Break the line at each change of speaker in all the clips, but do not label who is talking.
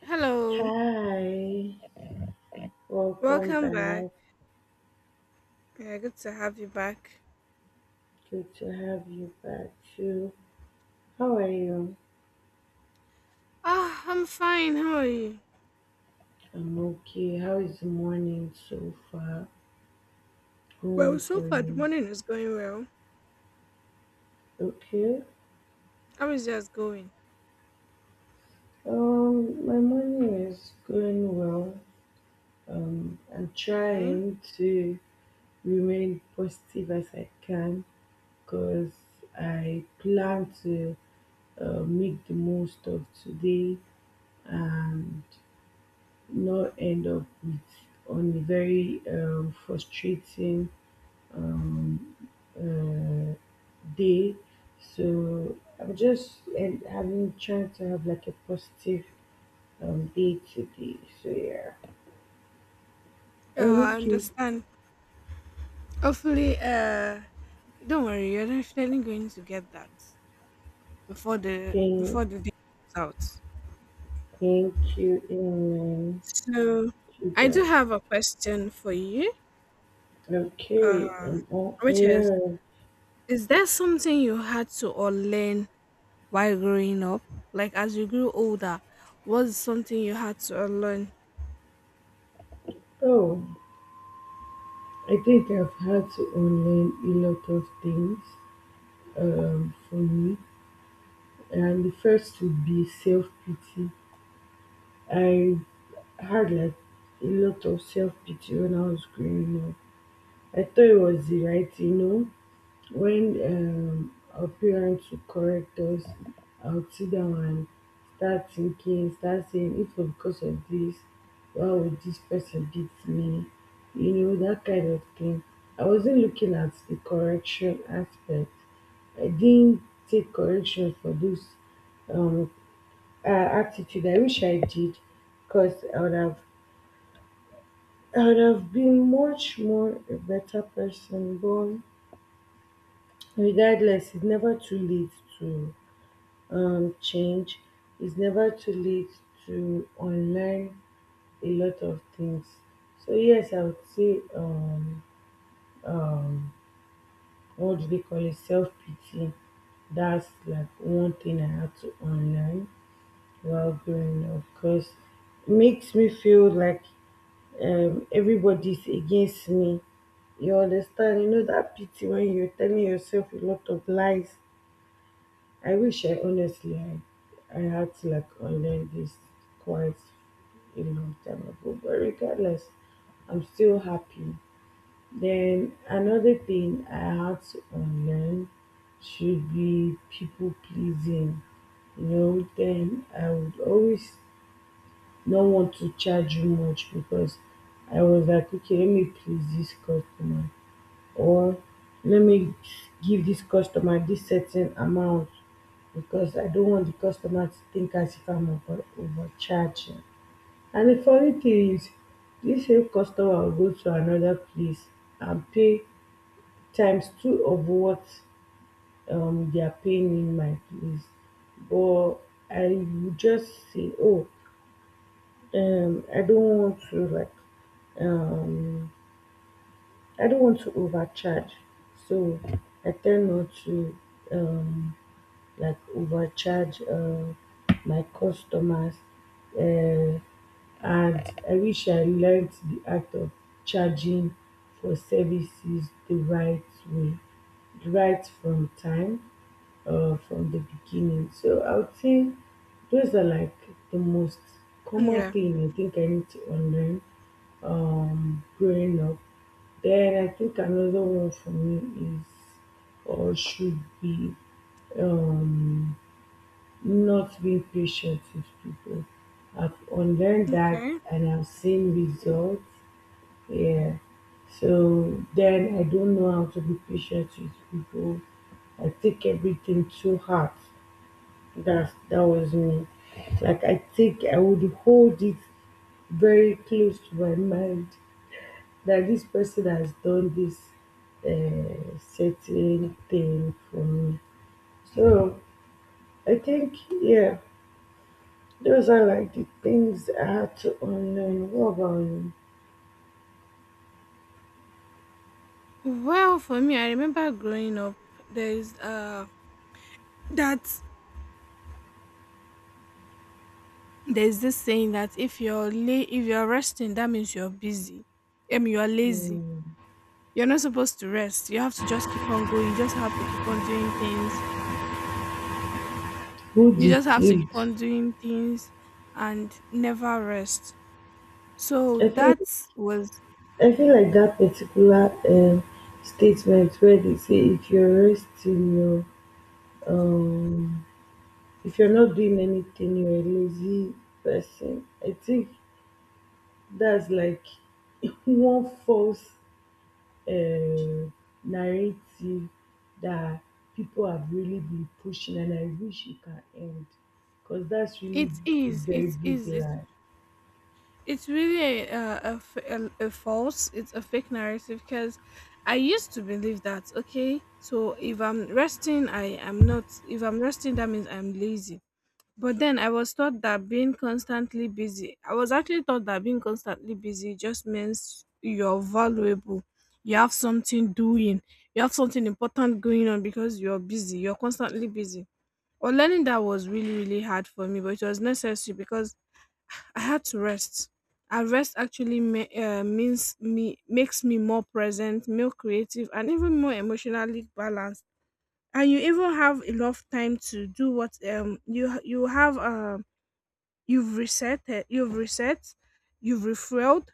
Hello,
Hi, welcome
welcome back.
back.
Yeah, good to have you back.
Good to have you back too. How are you?
Ah, I'm fine. How are you?
I'm okay. How is the morning so far
Well,
going
so
for
far the
you?
morning is going well.
Okay.
How is yours going?
My morning is going well. I'm
Okay.
trying to remain positive as I can because I plan to make the most of today. And not end up with on a very frustrating um, uh, day. So I'm just and having trying to have like a positive day today. So yeah.
Yeah,
Oh,
I
okay.
understand. Hopefully, don't worry. You're definitely going to get that before the before
Thank,
the day is out.
Thank you, Amen.
So,
To
I do
that.
have a question for you.
Okay.
Uh,
Oh,
which is,
yeah.
is there something you had to or learn while growing up? Like as you grew older, was something you had to unlearn?
Oh, I think I've had to unlearn a lot of things for me. And the first would be self pity. I had like a lot of self pity when I was growing up. I thought it was the right you know. When our parents would correct us, I would sit down and start saying, if it was because of this, why would this person beat me? You know, that kind of thing. I wasn't looking at the correction aspect. I didn't take correction for this um, attitude. I wish I did because I would have been much more a better person, but regardless, it's never too late to change. It's never too late to unlearn a lot of things. So yes, I would say um, what do they call it? Self pity. That's like one thing I had to unlearn while growing up because it makes me feel like everybody's against me, you understand, you know that pity when you're telling yourself a lot of lies. I wish I honestly I had to like unlearn this quite a long time ago, but regardless, I'm still happy. Then another thing I had to unlearn should be people pleasing. You know, then I would always don't want to charge you much because I was like, okay, let me please this customer, or let me give this customer this certain amount because I don't want the customer to think as if I'm overcharging. And the funny thing is, this same customer will go to another place and pay times two of what they are paying in my place. But I will just say, oh, I don't want to like um, I don't want to overcharge, so I tend not to um, like overcharge my customers. Uh, and I wish I learned the art of charging for services the right way, right from time, from the beginning. So I would say those are like the most common
Yeah.
thing I think I need to unlearn growing up. Then I think another one for me is or should be um not being patient with people. I've unlearned that
Okay.
and I've seen results. Yeah. So then I don't know how to be patient with people. I take everything too hard. That was me. Like I take, I would hold it very close to my mind that this person has done this certain thing for me. So I think, yeah, those are like the things I had to unlearn. What about you?
Well, for me, I remember growing up. There's uh that there's this saying that if you're if you're resting, that means you're busy. I mean, you're lazy.
Hmm.
You're not supposed to rest. You have to just keep on going. You just have to keep on doing things.
Who
You just have to keep
deceived?
on doing things and never rest. So
I feel,
that was
I feel like that particular statement where they say if you're resting, you're um, if you're not doing anything, you're a lazy person. I think that's like one false um narrative that people have really been pushing, and I wish it can end because that's really a
it
very big
is
lie.
it's really a, f- a false it's a fake narrative because I used to believe that, okay, so if I'm resting I am not if I'm resting That means I'm lazy. But then I was taught that being constantly busy I was actually taught that being constantly busy just means you're valuable. You have something doing, you have something important going on because you're busy you're constantly busy. Or learning that was really, really hard for me, but it was necessary because I had to rest. And rest actually means me makes me more present, more creative, and even more emotionally balanced. And you even have enough time to do what you you have you've reset you've reset, you've refueled,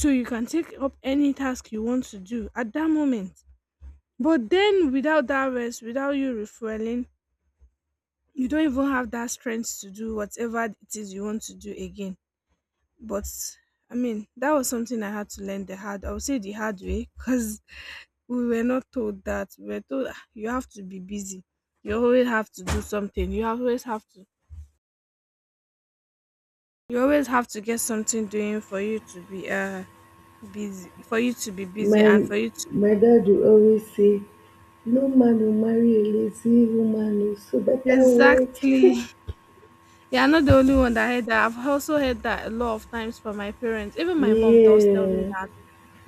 so you can take up any task you want to do at that moment. But then without that rest, without you refueling, you don't even have that strength to do whatever it is you want to do again. But I mean, that was something I had to learn the hard. I would say the hard way because we were not told that. We were told, "Ah, you have to be busy. You always have to do something. You always have to. You always have to get something doing for you to be busy. For you to be busy and
My
for you to"
my dad will always say, "No man will marry a lazy woman, oh, so better work."
exactly. Yeah, I'm not the only one that heard that. I've also heard that a lot of times from my parents. Even my mom does tell me
Yeah,
that,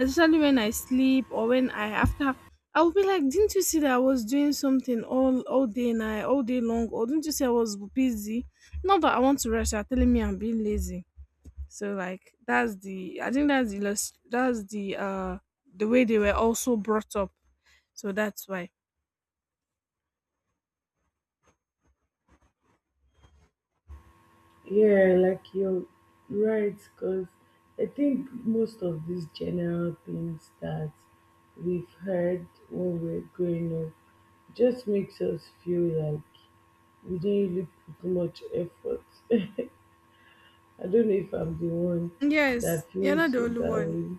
especially when I sleep or when I after I will be like, didn't you see that I was doing something all day night, all day long, or didn't you see I was busy? Not that I want to rush. You're telling me I'm being lazy. So like that's the I think that's the the way they were also brought up. So that's why.
yeah, like you're right, because I think most of these general things that we've heard when we're growing up just makes us feel like we didn't really put much effort. I don't know if I'm the one
Yes,
that
you're not
feels
the only
that
one.
way.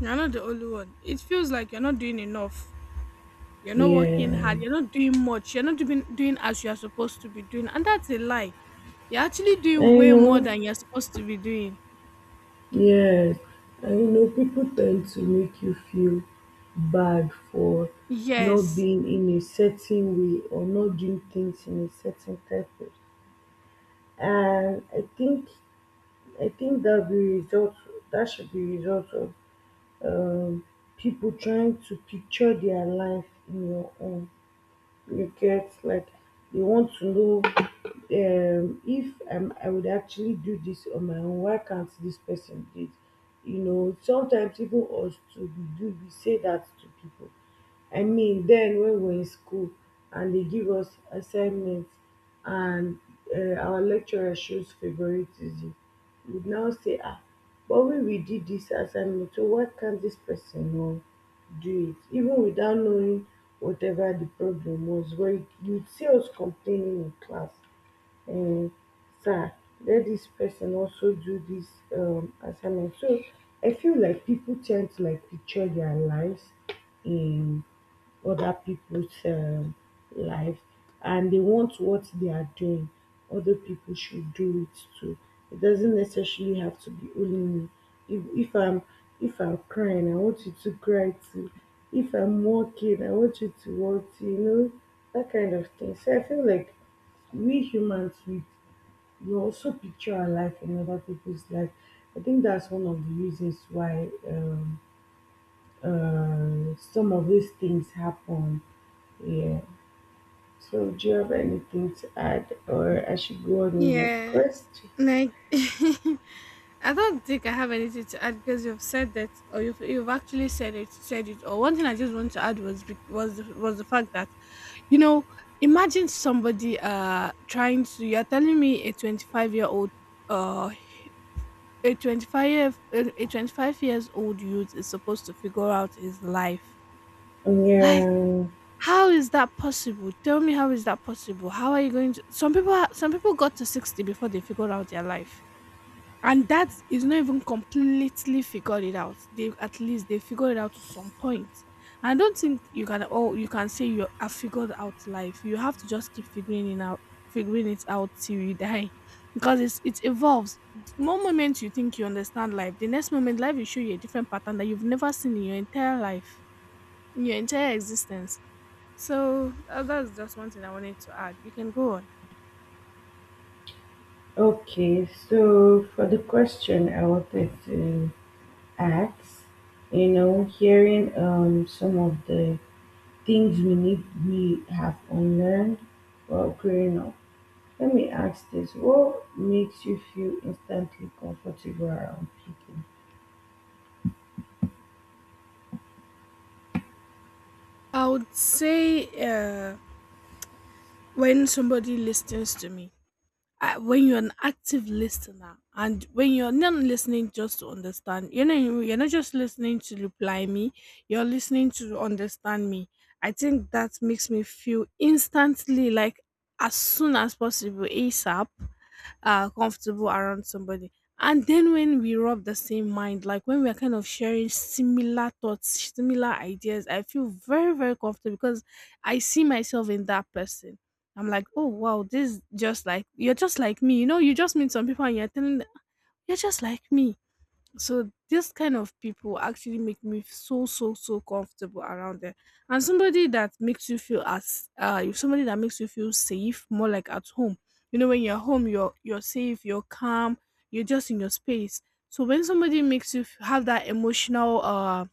You're not the only one. It feels like you're not doing enough. You're not
Yeah,
working hard. You're not doing much. You're not doing as you are supposed to be doing, and that's a lie. You're actually doing
I
way more
know.
than you're supposed to be doing.
Yes, I know people tend to make you feel bad for not
Yes.
being in a certain way or not doing things in a certain type of. And I think I think that be result that should be result of um people trying to picture their life in your own. You get like they want to know if I would actually do this on my own, why can't this person do it? You know, sometimes even us to we say that to people. I mean, then when we're in school and they give us assignments and our lecturer shows favoritism. We'd now say, ah, but when we did this assignment, so why can't this person know do it? Even without knowing whatever the problem was, where you'd see us complaining in class, and sir, let this person also do this assignment. So I feel like people tend to like picture their lives in other people's life, and they want what they are doing other people should do it too. It doesn't necessarily have to be only me. if, if i'm if I'm crying, I want you to cry too. If I'm walking, I want you to walk too, you know, that kind of thing. So I feel like we humans, we also picture our life in other people's life. I think that's one of the reasons why some of these things happen. Yeah. So, do you have anything to add, or I should go on with my
Yeah,
question?
like I don't think I have anything to add because you've said that, or you've actually said it. Or one thing I just want to add was was the fact that, you know, imagine somebody trying to. You're telling me a 25-year-old year old uh a 25 year- a a 25 years old youth is supposed to figure out his life. Like
Yeah,
how is that possible? Tell me, how is that possible? How are you going to Some people are, some people got to 60 before they figured out their life. And that is not even completely figured it out. They at least they figured it out to some point. I don't think you can oh you can say you have figured out life. You have to just keep figuring it out, figuring it out till you die. Because it evolves. One moment you think you understand life, the next moment life will show you a different pattern that you've never seen in your entire life, in your entire existence. So that's just one thing I wanted to add. You can go on.
okay. So, for the question I wanted to ask, you know, hearing some of the things we need we have unlearned while growing up. Let me ask this: what makes you feel instantly comfortable around people?
I would say when somebody listens to me, when you're an active listener, and when you're not listening just to understand, you know, you're not just listening to reply me, you're listening to understand me. I think that makes me feel instantly like as soon as possible, ASAP, comfortable around somebody. And then when we rub the same mind, like when we're kind of sharing similar thoughts, similar ideas, I feel very, very comfortable because I see myself in that person. I'm like, oh wow, this is just like you're just like me, you know, you just meet some people and you're telling them, "Ah, you're just like me," so this kind of people actually make me so, so, so comfortable around them. And somebody that makes you feel as somebody that makes you feel safe, more like at home. You know, when you're home, you're safe, you're calm, you're just in your space. So when somebody makes you have that emotional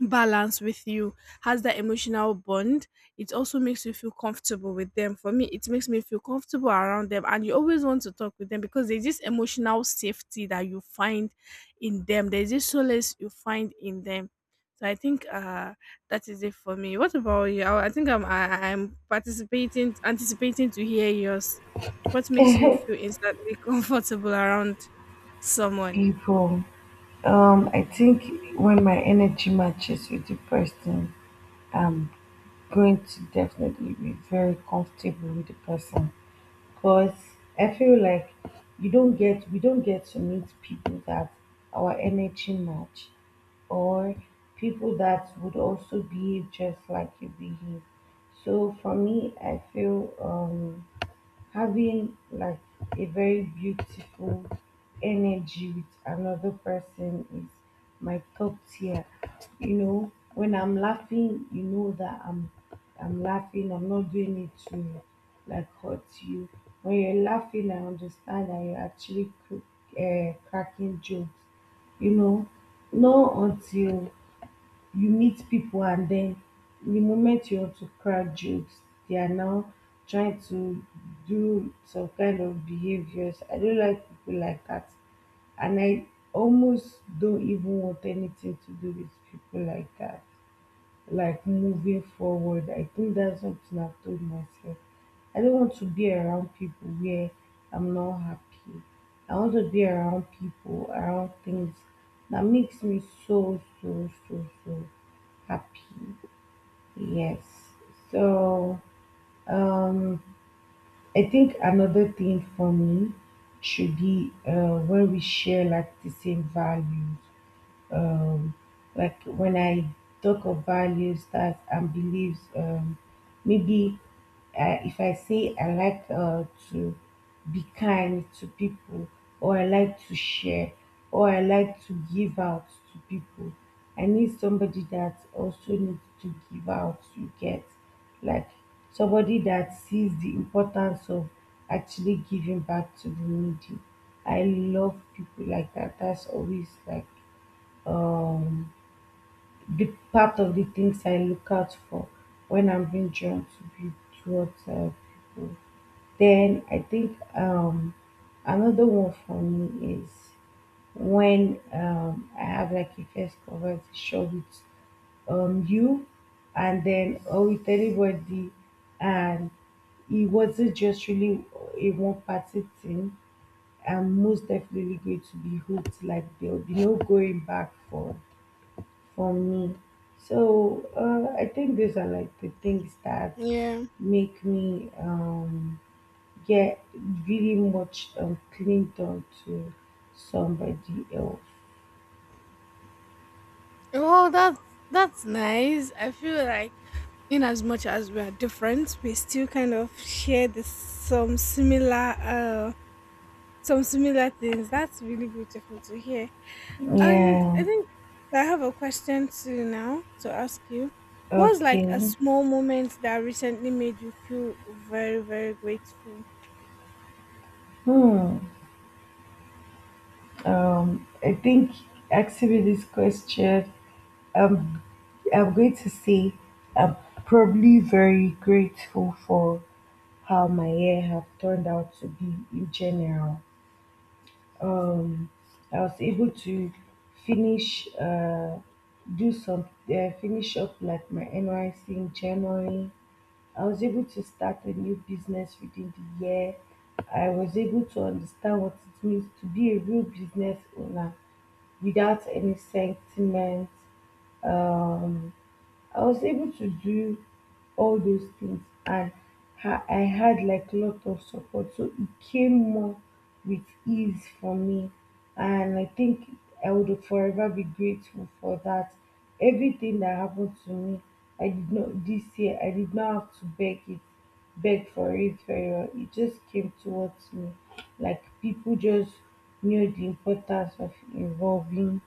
balance with you, has that emotional bond, it also makes you feel comfortable with them. For me, it makes me feel comfortable around them and you always want to talk with them because there's this emotional safety that you find in them, there's this solace you find in them. So I think that is it for me. What about you? I think I'm participating anticipating to hear yours. What makes you feel instantly comfortable around someone?
People. I think when my energy matches with the person, I'm going to definitely be very comfortable with the person because I feel like you don't get we don't get to meet people that our energy match, or people that would also behave just like you behave. So for me, I feel having like a very beautiful energy with another person is my top tier. You know, when I'm laughing, you know that I'm laughing, I'm not doing it to like hurt you. When you're laughing, I understand that you're actually cracking jokes. You know, not until you meet people, and then the moment you want to crack jokes, they are now trying to do some kind of behaviors. I don't like people like that. And I almost don't even want anything to do with people like that like moving forward. I think that's something I've told myself. I don't want to be around people where I'm not happy. I want to be around people, around things that makes me so, so, so, so happy. Yes. So, um, I think another thing for me should be when we share like the same values. um, like when I talk of values that and beliefs, maybe if I say I like to be kind to people, or I like to share, or I like to give out to people, I need somebody that also needs to give out. You get like somebody that sees the importance of actually giving back to the needy. I love people like that. That's always like um, the part of the things I look out for when I'm being drawn to be towards people. Then I think another one for me is when I have like a first conversation with you, and then or with anybody, and it wasn't just really a one party thing. I'm most definitely going to be hooked. Like there'll be no going back for me. So I think these are like the things that
Yeah.
make me get really much clinged on to somebody else.
Well, that's nice. I feel like, in as much as we are different, we still kind of share this, some similar things. That's really beautiful to hear. And
Yeah.
I think I have a question to now to ask you. What's like a
Okay.
small moment that recently made you feel very, very grateful?
Hmm. I think asking me this question, um, I'm going to say I'm probably very grateful for how my year have turned out to be in general. um, I was able to finish do some finish up like my NYC in January. I was able to start a new business within the year. I was able to understand what it means to be a real business owner without any sentiment. Um, I was able to do all those things, and I had like a lot of support. So it came more with ease for me. And I think I would forever be grateful for that. Everything that happened to me, I did not this year, I did not have to beg it, beg for it very well. It just came towards me. Like people just knew the importance of involving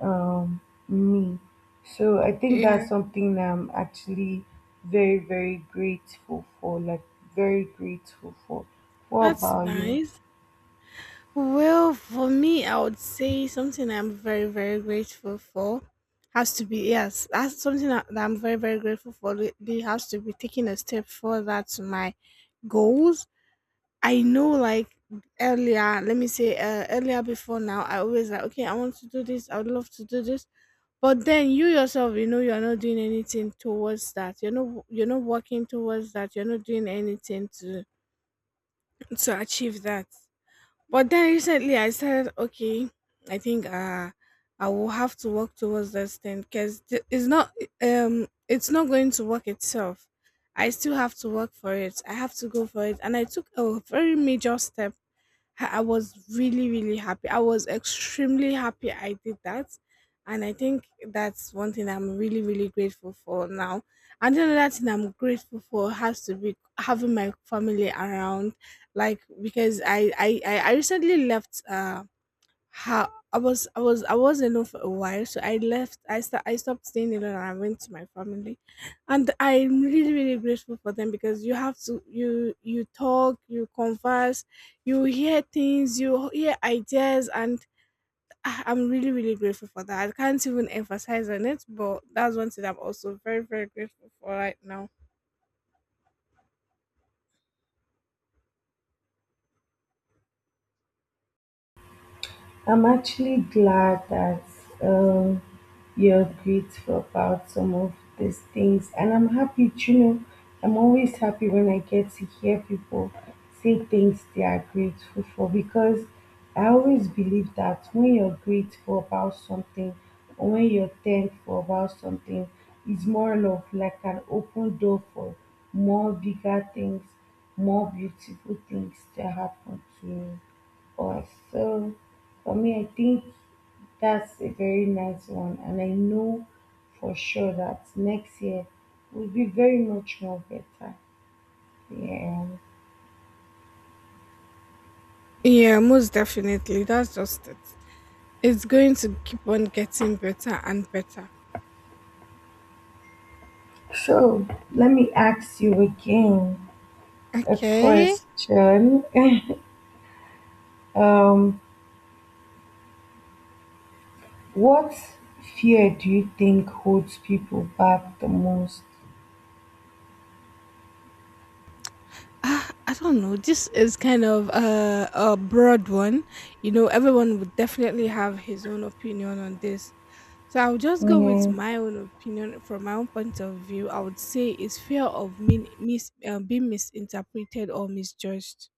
um, me. So I think
Yeah,
that's something I'm actually very, very grateful for. Like, very grateful for. What
that's
about you?
nice. Well, for me, I would say something I'm very, very grateful for has to be yes, that's something that, that I'm very, very grateful for. It they has to be taking a step further to my goals. I know, like earlier, let me say earlier before now, I always like okay, I want to do this. I would love to do this, but then you yourself, you know, you're not doing anything towards that. You're not working towards that. You're not doing anything to achieve that. But then recently I said, okay, I think I will have to work towards this thing because it's not it's not going to work itself. I still have to work for it. I have to go for it, and I took a very major step. I was really, really happy. I was extremely happy I did that. And I think that's one thing I'm really, really grateful for now. And the other thing I'm grateful for has to be having my family around, like because I recently left how I was I was I was alone for a while, so I left. I stopped staying alone and I went to my family, and I'm really, really grateful for them because you have to you talk, you converse, you hear things, you hear ideas, I'm really, really grateful for that. I can't even emphasize on it, but that's one thing I'm also very, very grateful for right now.
I'm actually glad that um, you're grateful about some of these things, and I'm happy. You know, I'm always happy when I get to hear people say things they are grateful for because I always believe that when you're grateful about something or when you're thankful about something, it's more of like an open door for more bigger things, more beautiful things to happen to us. So, for me, I think that's a very nice one, and I know for sure that next year will be very much more better. Yeah.
Yeah, most definitely. That's just it. It's going to keep on getting better and better.
So let me ask you again a
Okay.
question. Um, what fear do you think holds people back the most?
Ah, I don't know. This is kind of a broad one. You know, everyone would definitely have his own opinion on this. So I'll just go with
Yeah.
my own opinion from my own point of view. I would say it's fear of being misinterpreted or misjudged.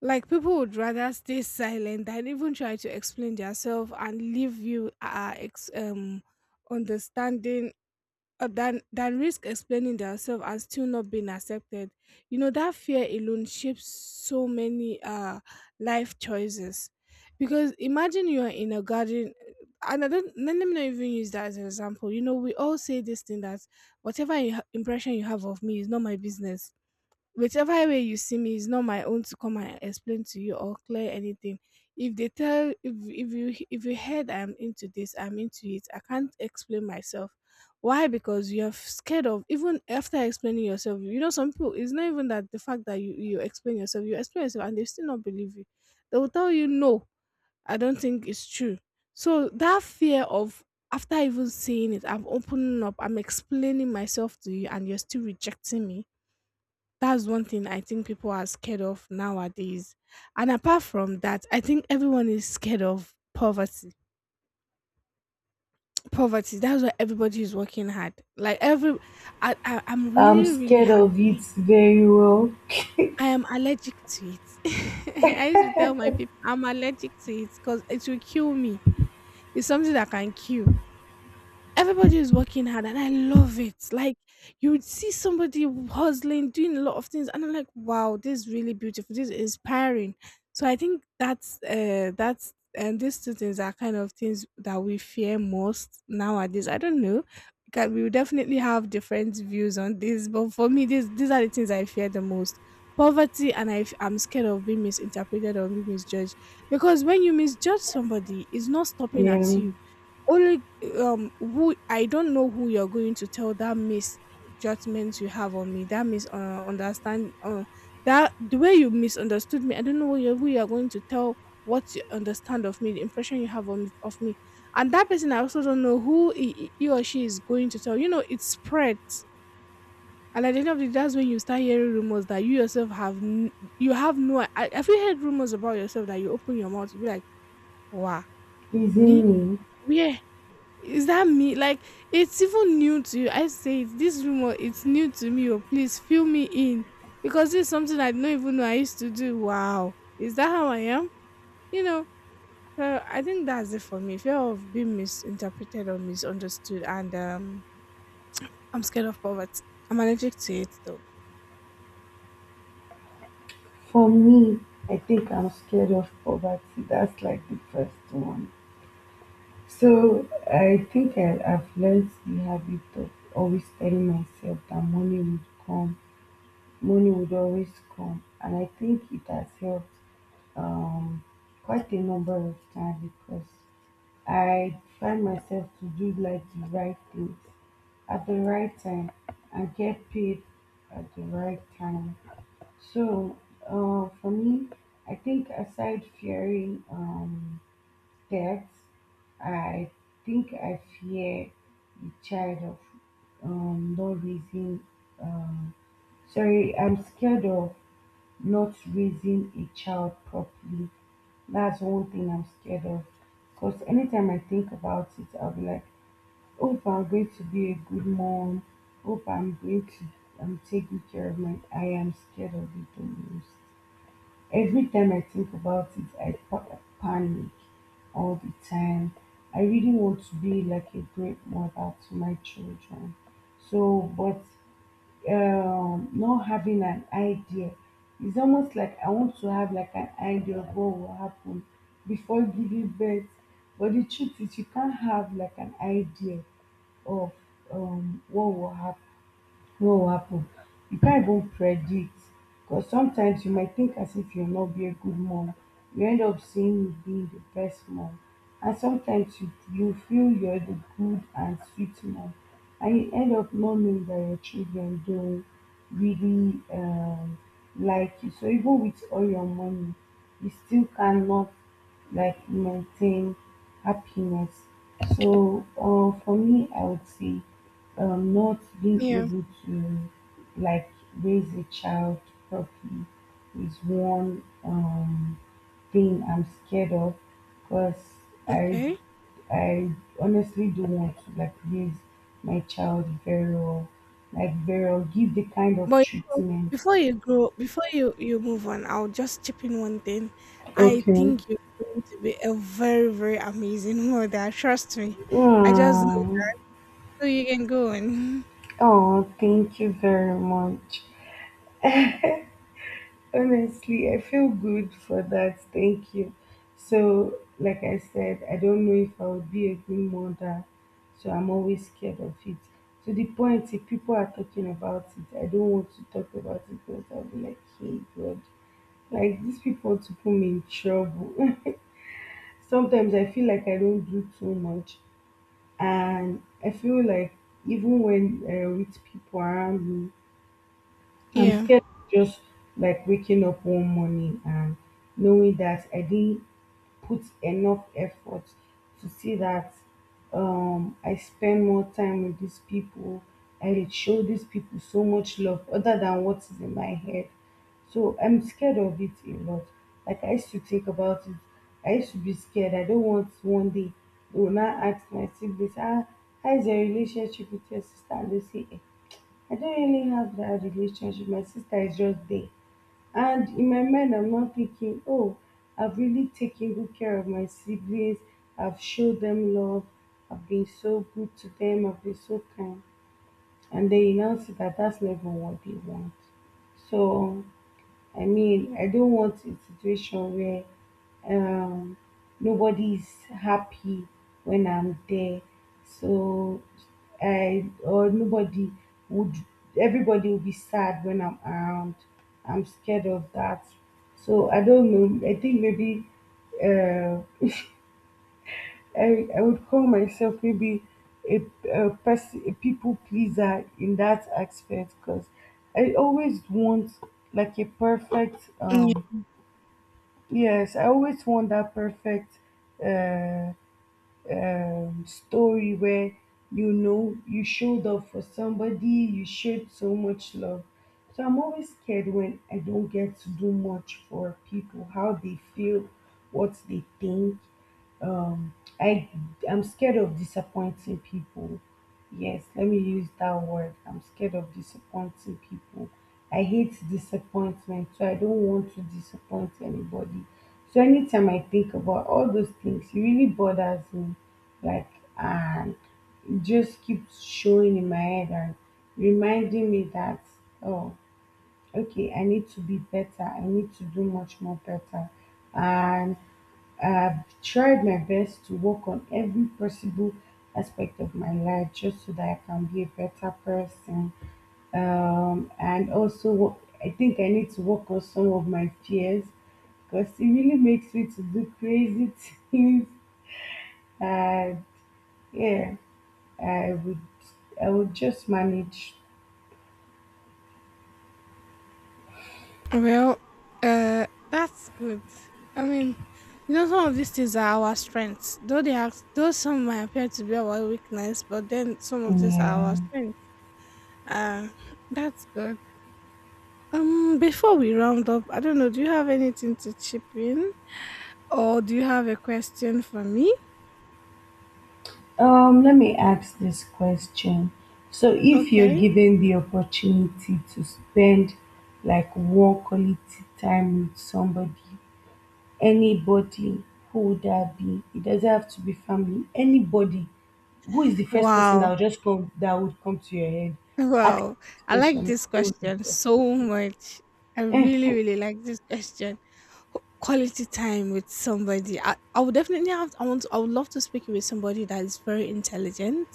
Like people would rather stay silent than even try to explain themselves and leave you understanding, than risk explaining themselves and still not being accepted. You know that fear alone shapes so many life choices. Because imagine you are in a garden, and I don't let me not even use that as an example. You know we all say this thing that whatever impression you have of me is not my business, whichever way you see me is not my own to come and explain to you or clear anything. If they tell if, if you if you heard I'm into this, I'm into it, I can't explain myself. Why? Because you're scared of even after explaining yourself, you know, some people, it's not even that the fact that you explain yourself, you explain yourself and they still not believe you. They will tell you, no, I don't think it's true. So that fear of after even seeing it, I'm opening up, I'm explaining myself to you and you're still rejecting me. That's one thing I think people are scared of nowadays. And apart from that, I think everyone is scared of poverty. Poverty. That's why everybody is working hard. Like every, I'm
I'm
really really
scared of it
happy.
very well.
I am allergic to it. I used to tell my people I'm allergic to it because it will kill me. It's something that can kill. Everybody is working hard and I love it. Like you would see somebody hustling, doing a lot of things, and I'm like, wow, this is really beautiful, this is inspiring. So I think that's and these two things are kind of things that we fear most nowadays. I don't know. Because we will definitely have different views on this, but for me, these are the things I fear the most. Poverty, and I'm scared of being misinterpreted or being misjudged. Because when you misjudge somebody, it's not stopping at
Yeah.
you only. Who, I don't know who you're going to tell that misjudgment you have on me, that mis understand that the way you misunderstood me. I don't know who you're going to tell what you understand of me, the impression you have on, of me, and that person, I also don't know who he or she is going to tell. You know, it spreads. And at the end of the day, that's when you start hearing rumors that you yourself have, you have no. I, have you heard rumors about yourself that you open your mouth, you be like, "Wow, me?
Isn't me?
Where is that me?" Like it's even new to you. I say it, this rumor, it's new to me. Oh, please fill me in because this is something I don't even know I used to do. Wow, is that how I am? You know. So I think that's it for me. Fear of being misinterpreted or misunderstood, and I'm scared of poverty. I'm allergic to it though.
For me, I think I'm scared of poverty. That's like the first one. So I think I've learned the habit of always telling myself that money would come, money would always come, and I think it has helped um, quite a number of times because I find myself to do like the right things at the right time and get paid at the right time. So, for me, I think aside fearing death, I think I fear the child of not raising. Um, Sorry, I'm scared of not raising a child properly. That's one thing I'm scared of. Because anytime I think about it, I'll be like, hope I'm going to be a good mom. Hope I'm going to take good care of my. I am scared of it the most. Every time I think about it, I panic all the time. I really want to be like a great mother to my children. So, but not having an idea, it's almost like I want to have like an idea of what will happen before giving birth. But the truth is, you can't have like an idea of what will happen no happen, you can't even predict because sometimes you might think as if you'll not be a good mom, you end up seeing you being the best mom. And sometimes you feel you're the good and sweet mom and you end up not knowing that your children don't really like you. So even with all your money you still cannot like maintain happiness. So for me I would say not being
Yeah.
able to like raise a child properly is one thing I'm scared of because I
Okay.
I honestly do want to like raise my child very well, like very well, give the kind of
But you know,
treatment.
before you grow, before you move on, I'll just chip in one thing. I
Okay.
think you're going to be a very very amazing mother. Trust me. I just know,
Mm.
so you can go on.
Oh, thank you very much. Honestly, I feel good for that. Thank you. So, like I said, I don't know if I would be a good mother, so I'm always scared of it. To the point, if people are talking about it, I don't want to talk about it because I'll be like, hey, God, like these people to put me in trouble. Sometimes I feel like I don't do too much, and I feel like even when with people around me, I'm
Yeah.
scared of just like waking up one morning and knowing that I didn't put enough effort to see that I spend more time with these people. I did show these people so much love other than what is in my head. So I'm scared of it a lot. Like I used to think about it. I used to be scared. I don't want one day they will not ask my siblings, ah, how is your relationship with your sister? And they say, "Eh, I don't really have that relationship. My sister is just there." And in my mind, I'm not thinking, oh, I've really taken good care of my siblings. I've showed them love. I've been so good to them. I've been so kind. And then you now see that that's not even what they want. So I mean, I don't want a situation where um, nobody is happy when I'm there. So I or nobody would, everybody will be sad when I'm around. I'm scared of that. So I don't know. I think maybe uh, I would call myself maybe a, a person a people pleaser in that aspect because I always want like a perfect um.
Yeah.
Yes, I always want that perfect uh, story where you know you showed up for somebody, you showed so much love. So I'm always scared when I don't get to do much for people, how they feel, what they think. Um, I I'm scared of disappointing people. Yes, let me use that word. I'm scared of disappointing people. I hate disappointment, so I don't want to disappoint anybody. So anytime I think about all those things, it really bothers me. Like, and it just keeps showing in my head and reminding me that, oh, okay, I need to be better. I need to do much more better. And I've tried my best to work on every possible aspect of my life just so that I can be a better person. And also, I think I need to work on some of my fears because it really makes me to do crazy things. And yeah, I would, I would just manage.
Well, that's good. I mean, you know, some of these things are our strengths. Though they are, though some might appear to be our weakness, but then some of these are our
Yeah.
strengths. Uh, that's good. Before we round up, I don't know. Do you have anything to chip in? Oh, do you have a question for me?
Let me ask this question. So, if you're
Okay.
given the opportunity to spend like one quality time with somebody, anybody, who would that be? It doesn't have to be family. Anybody. Who is the first person
Wow.
that would come to your head? Ask
Wow.
this
I like
question.
this
Who would be
question
the first
so
person?
much. I really,
Eh,
really like this question. Quality time with somebody. I would definitely have, I want, I would love to speak with somebody that is very intelligent,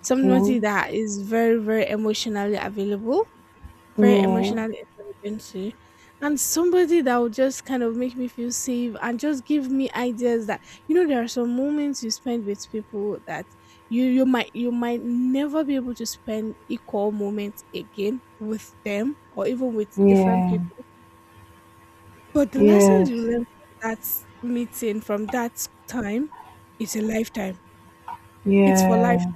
somebody that is very, very emotionally available, very
Yeah.
emotional intelligent, and somebody that would just kind of make me feel safe and just give me ideas that, you know, there are some moments you spend with people that you might, you might never be able to spend equal moments again with them or even with different
Yeah.
people, but the lessons you
Yes.
learn from that meeting, from that time, is a lifetime. It's for life.
Yeah.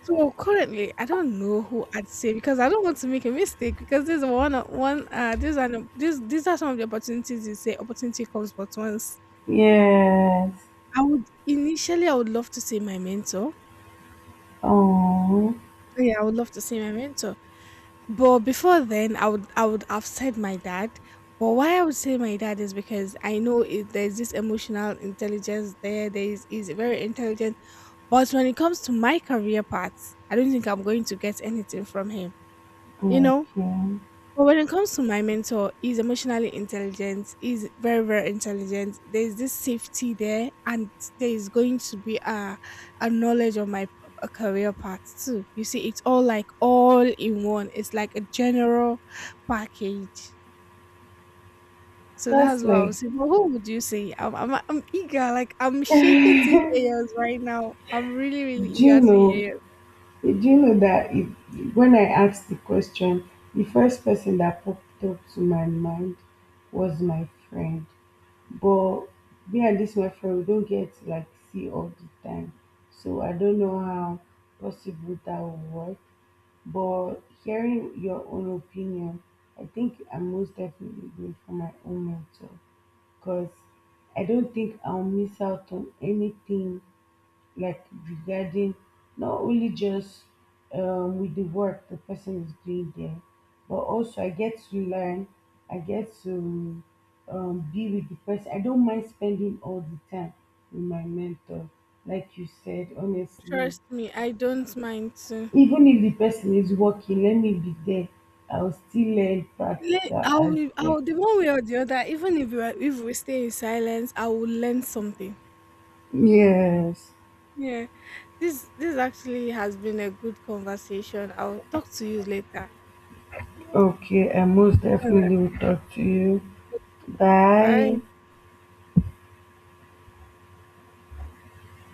So currently, I don't know who I'd say because I don't want to make a mistake because there's, is one one these are these are some of the opportunities, you say opportunity comes but once.
Yes.
I would initially, I would love to say my mentor.
Oh.
Yeah, I would love to say my mentor. But before then, I would have said my dad. But why I would say my dad is because I know it, there's this emotional intelligence there. There is very intelligent. But when it comes to my career path, I don't think I'm going to get anything from him. You know.
Okay.
But when it comes to my mentor, he's emotionally intelligent. He's very, very intelligent. There's this safety there, and there is going to be a knowledge of my, a career path too. You see, it's all like all in one. It's like a general package. So that's
That's
what I
like,
was saying. But who would you say? I'm eager. Like I'm shaking
do
to hear yours right now. I'm really, really eager
you
to hear
know,
yours.
do you know that if, when I asked the question, the first person that popped up to my mind was my friend. But me and this my friend, we don't get to like see all the time. So I don't know how possible that will work. But hearing your own opinion, I think I'm most definitely going for my own mentor because I don't think I'll miss out on anything like regarding not only just with the work the person is doing there, but also I get to learn, I get to be with the person. I don't mind spending all the time with my mentor, like you said, honestly.
Trust me, I don't mind too.
Even if the person is working, let me be there. I'll still learn practical
I will,
aspects.
the one way or the other, even if we are, if we stay in silence, I will learn something.
Yes.
Yeah, this actually has been a good conversation. I'll talk to you later.
Okay, I most
All right,
definitely will talk to you. Bye.
bye.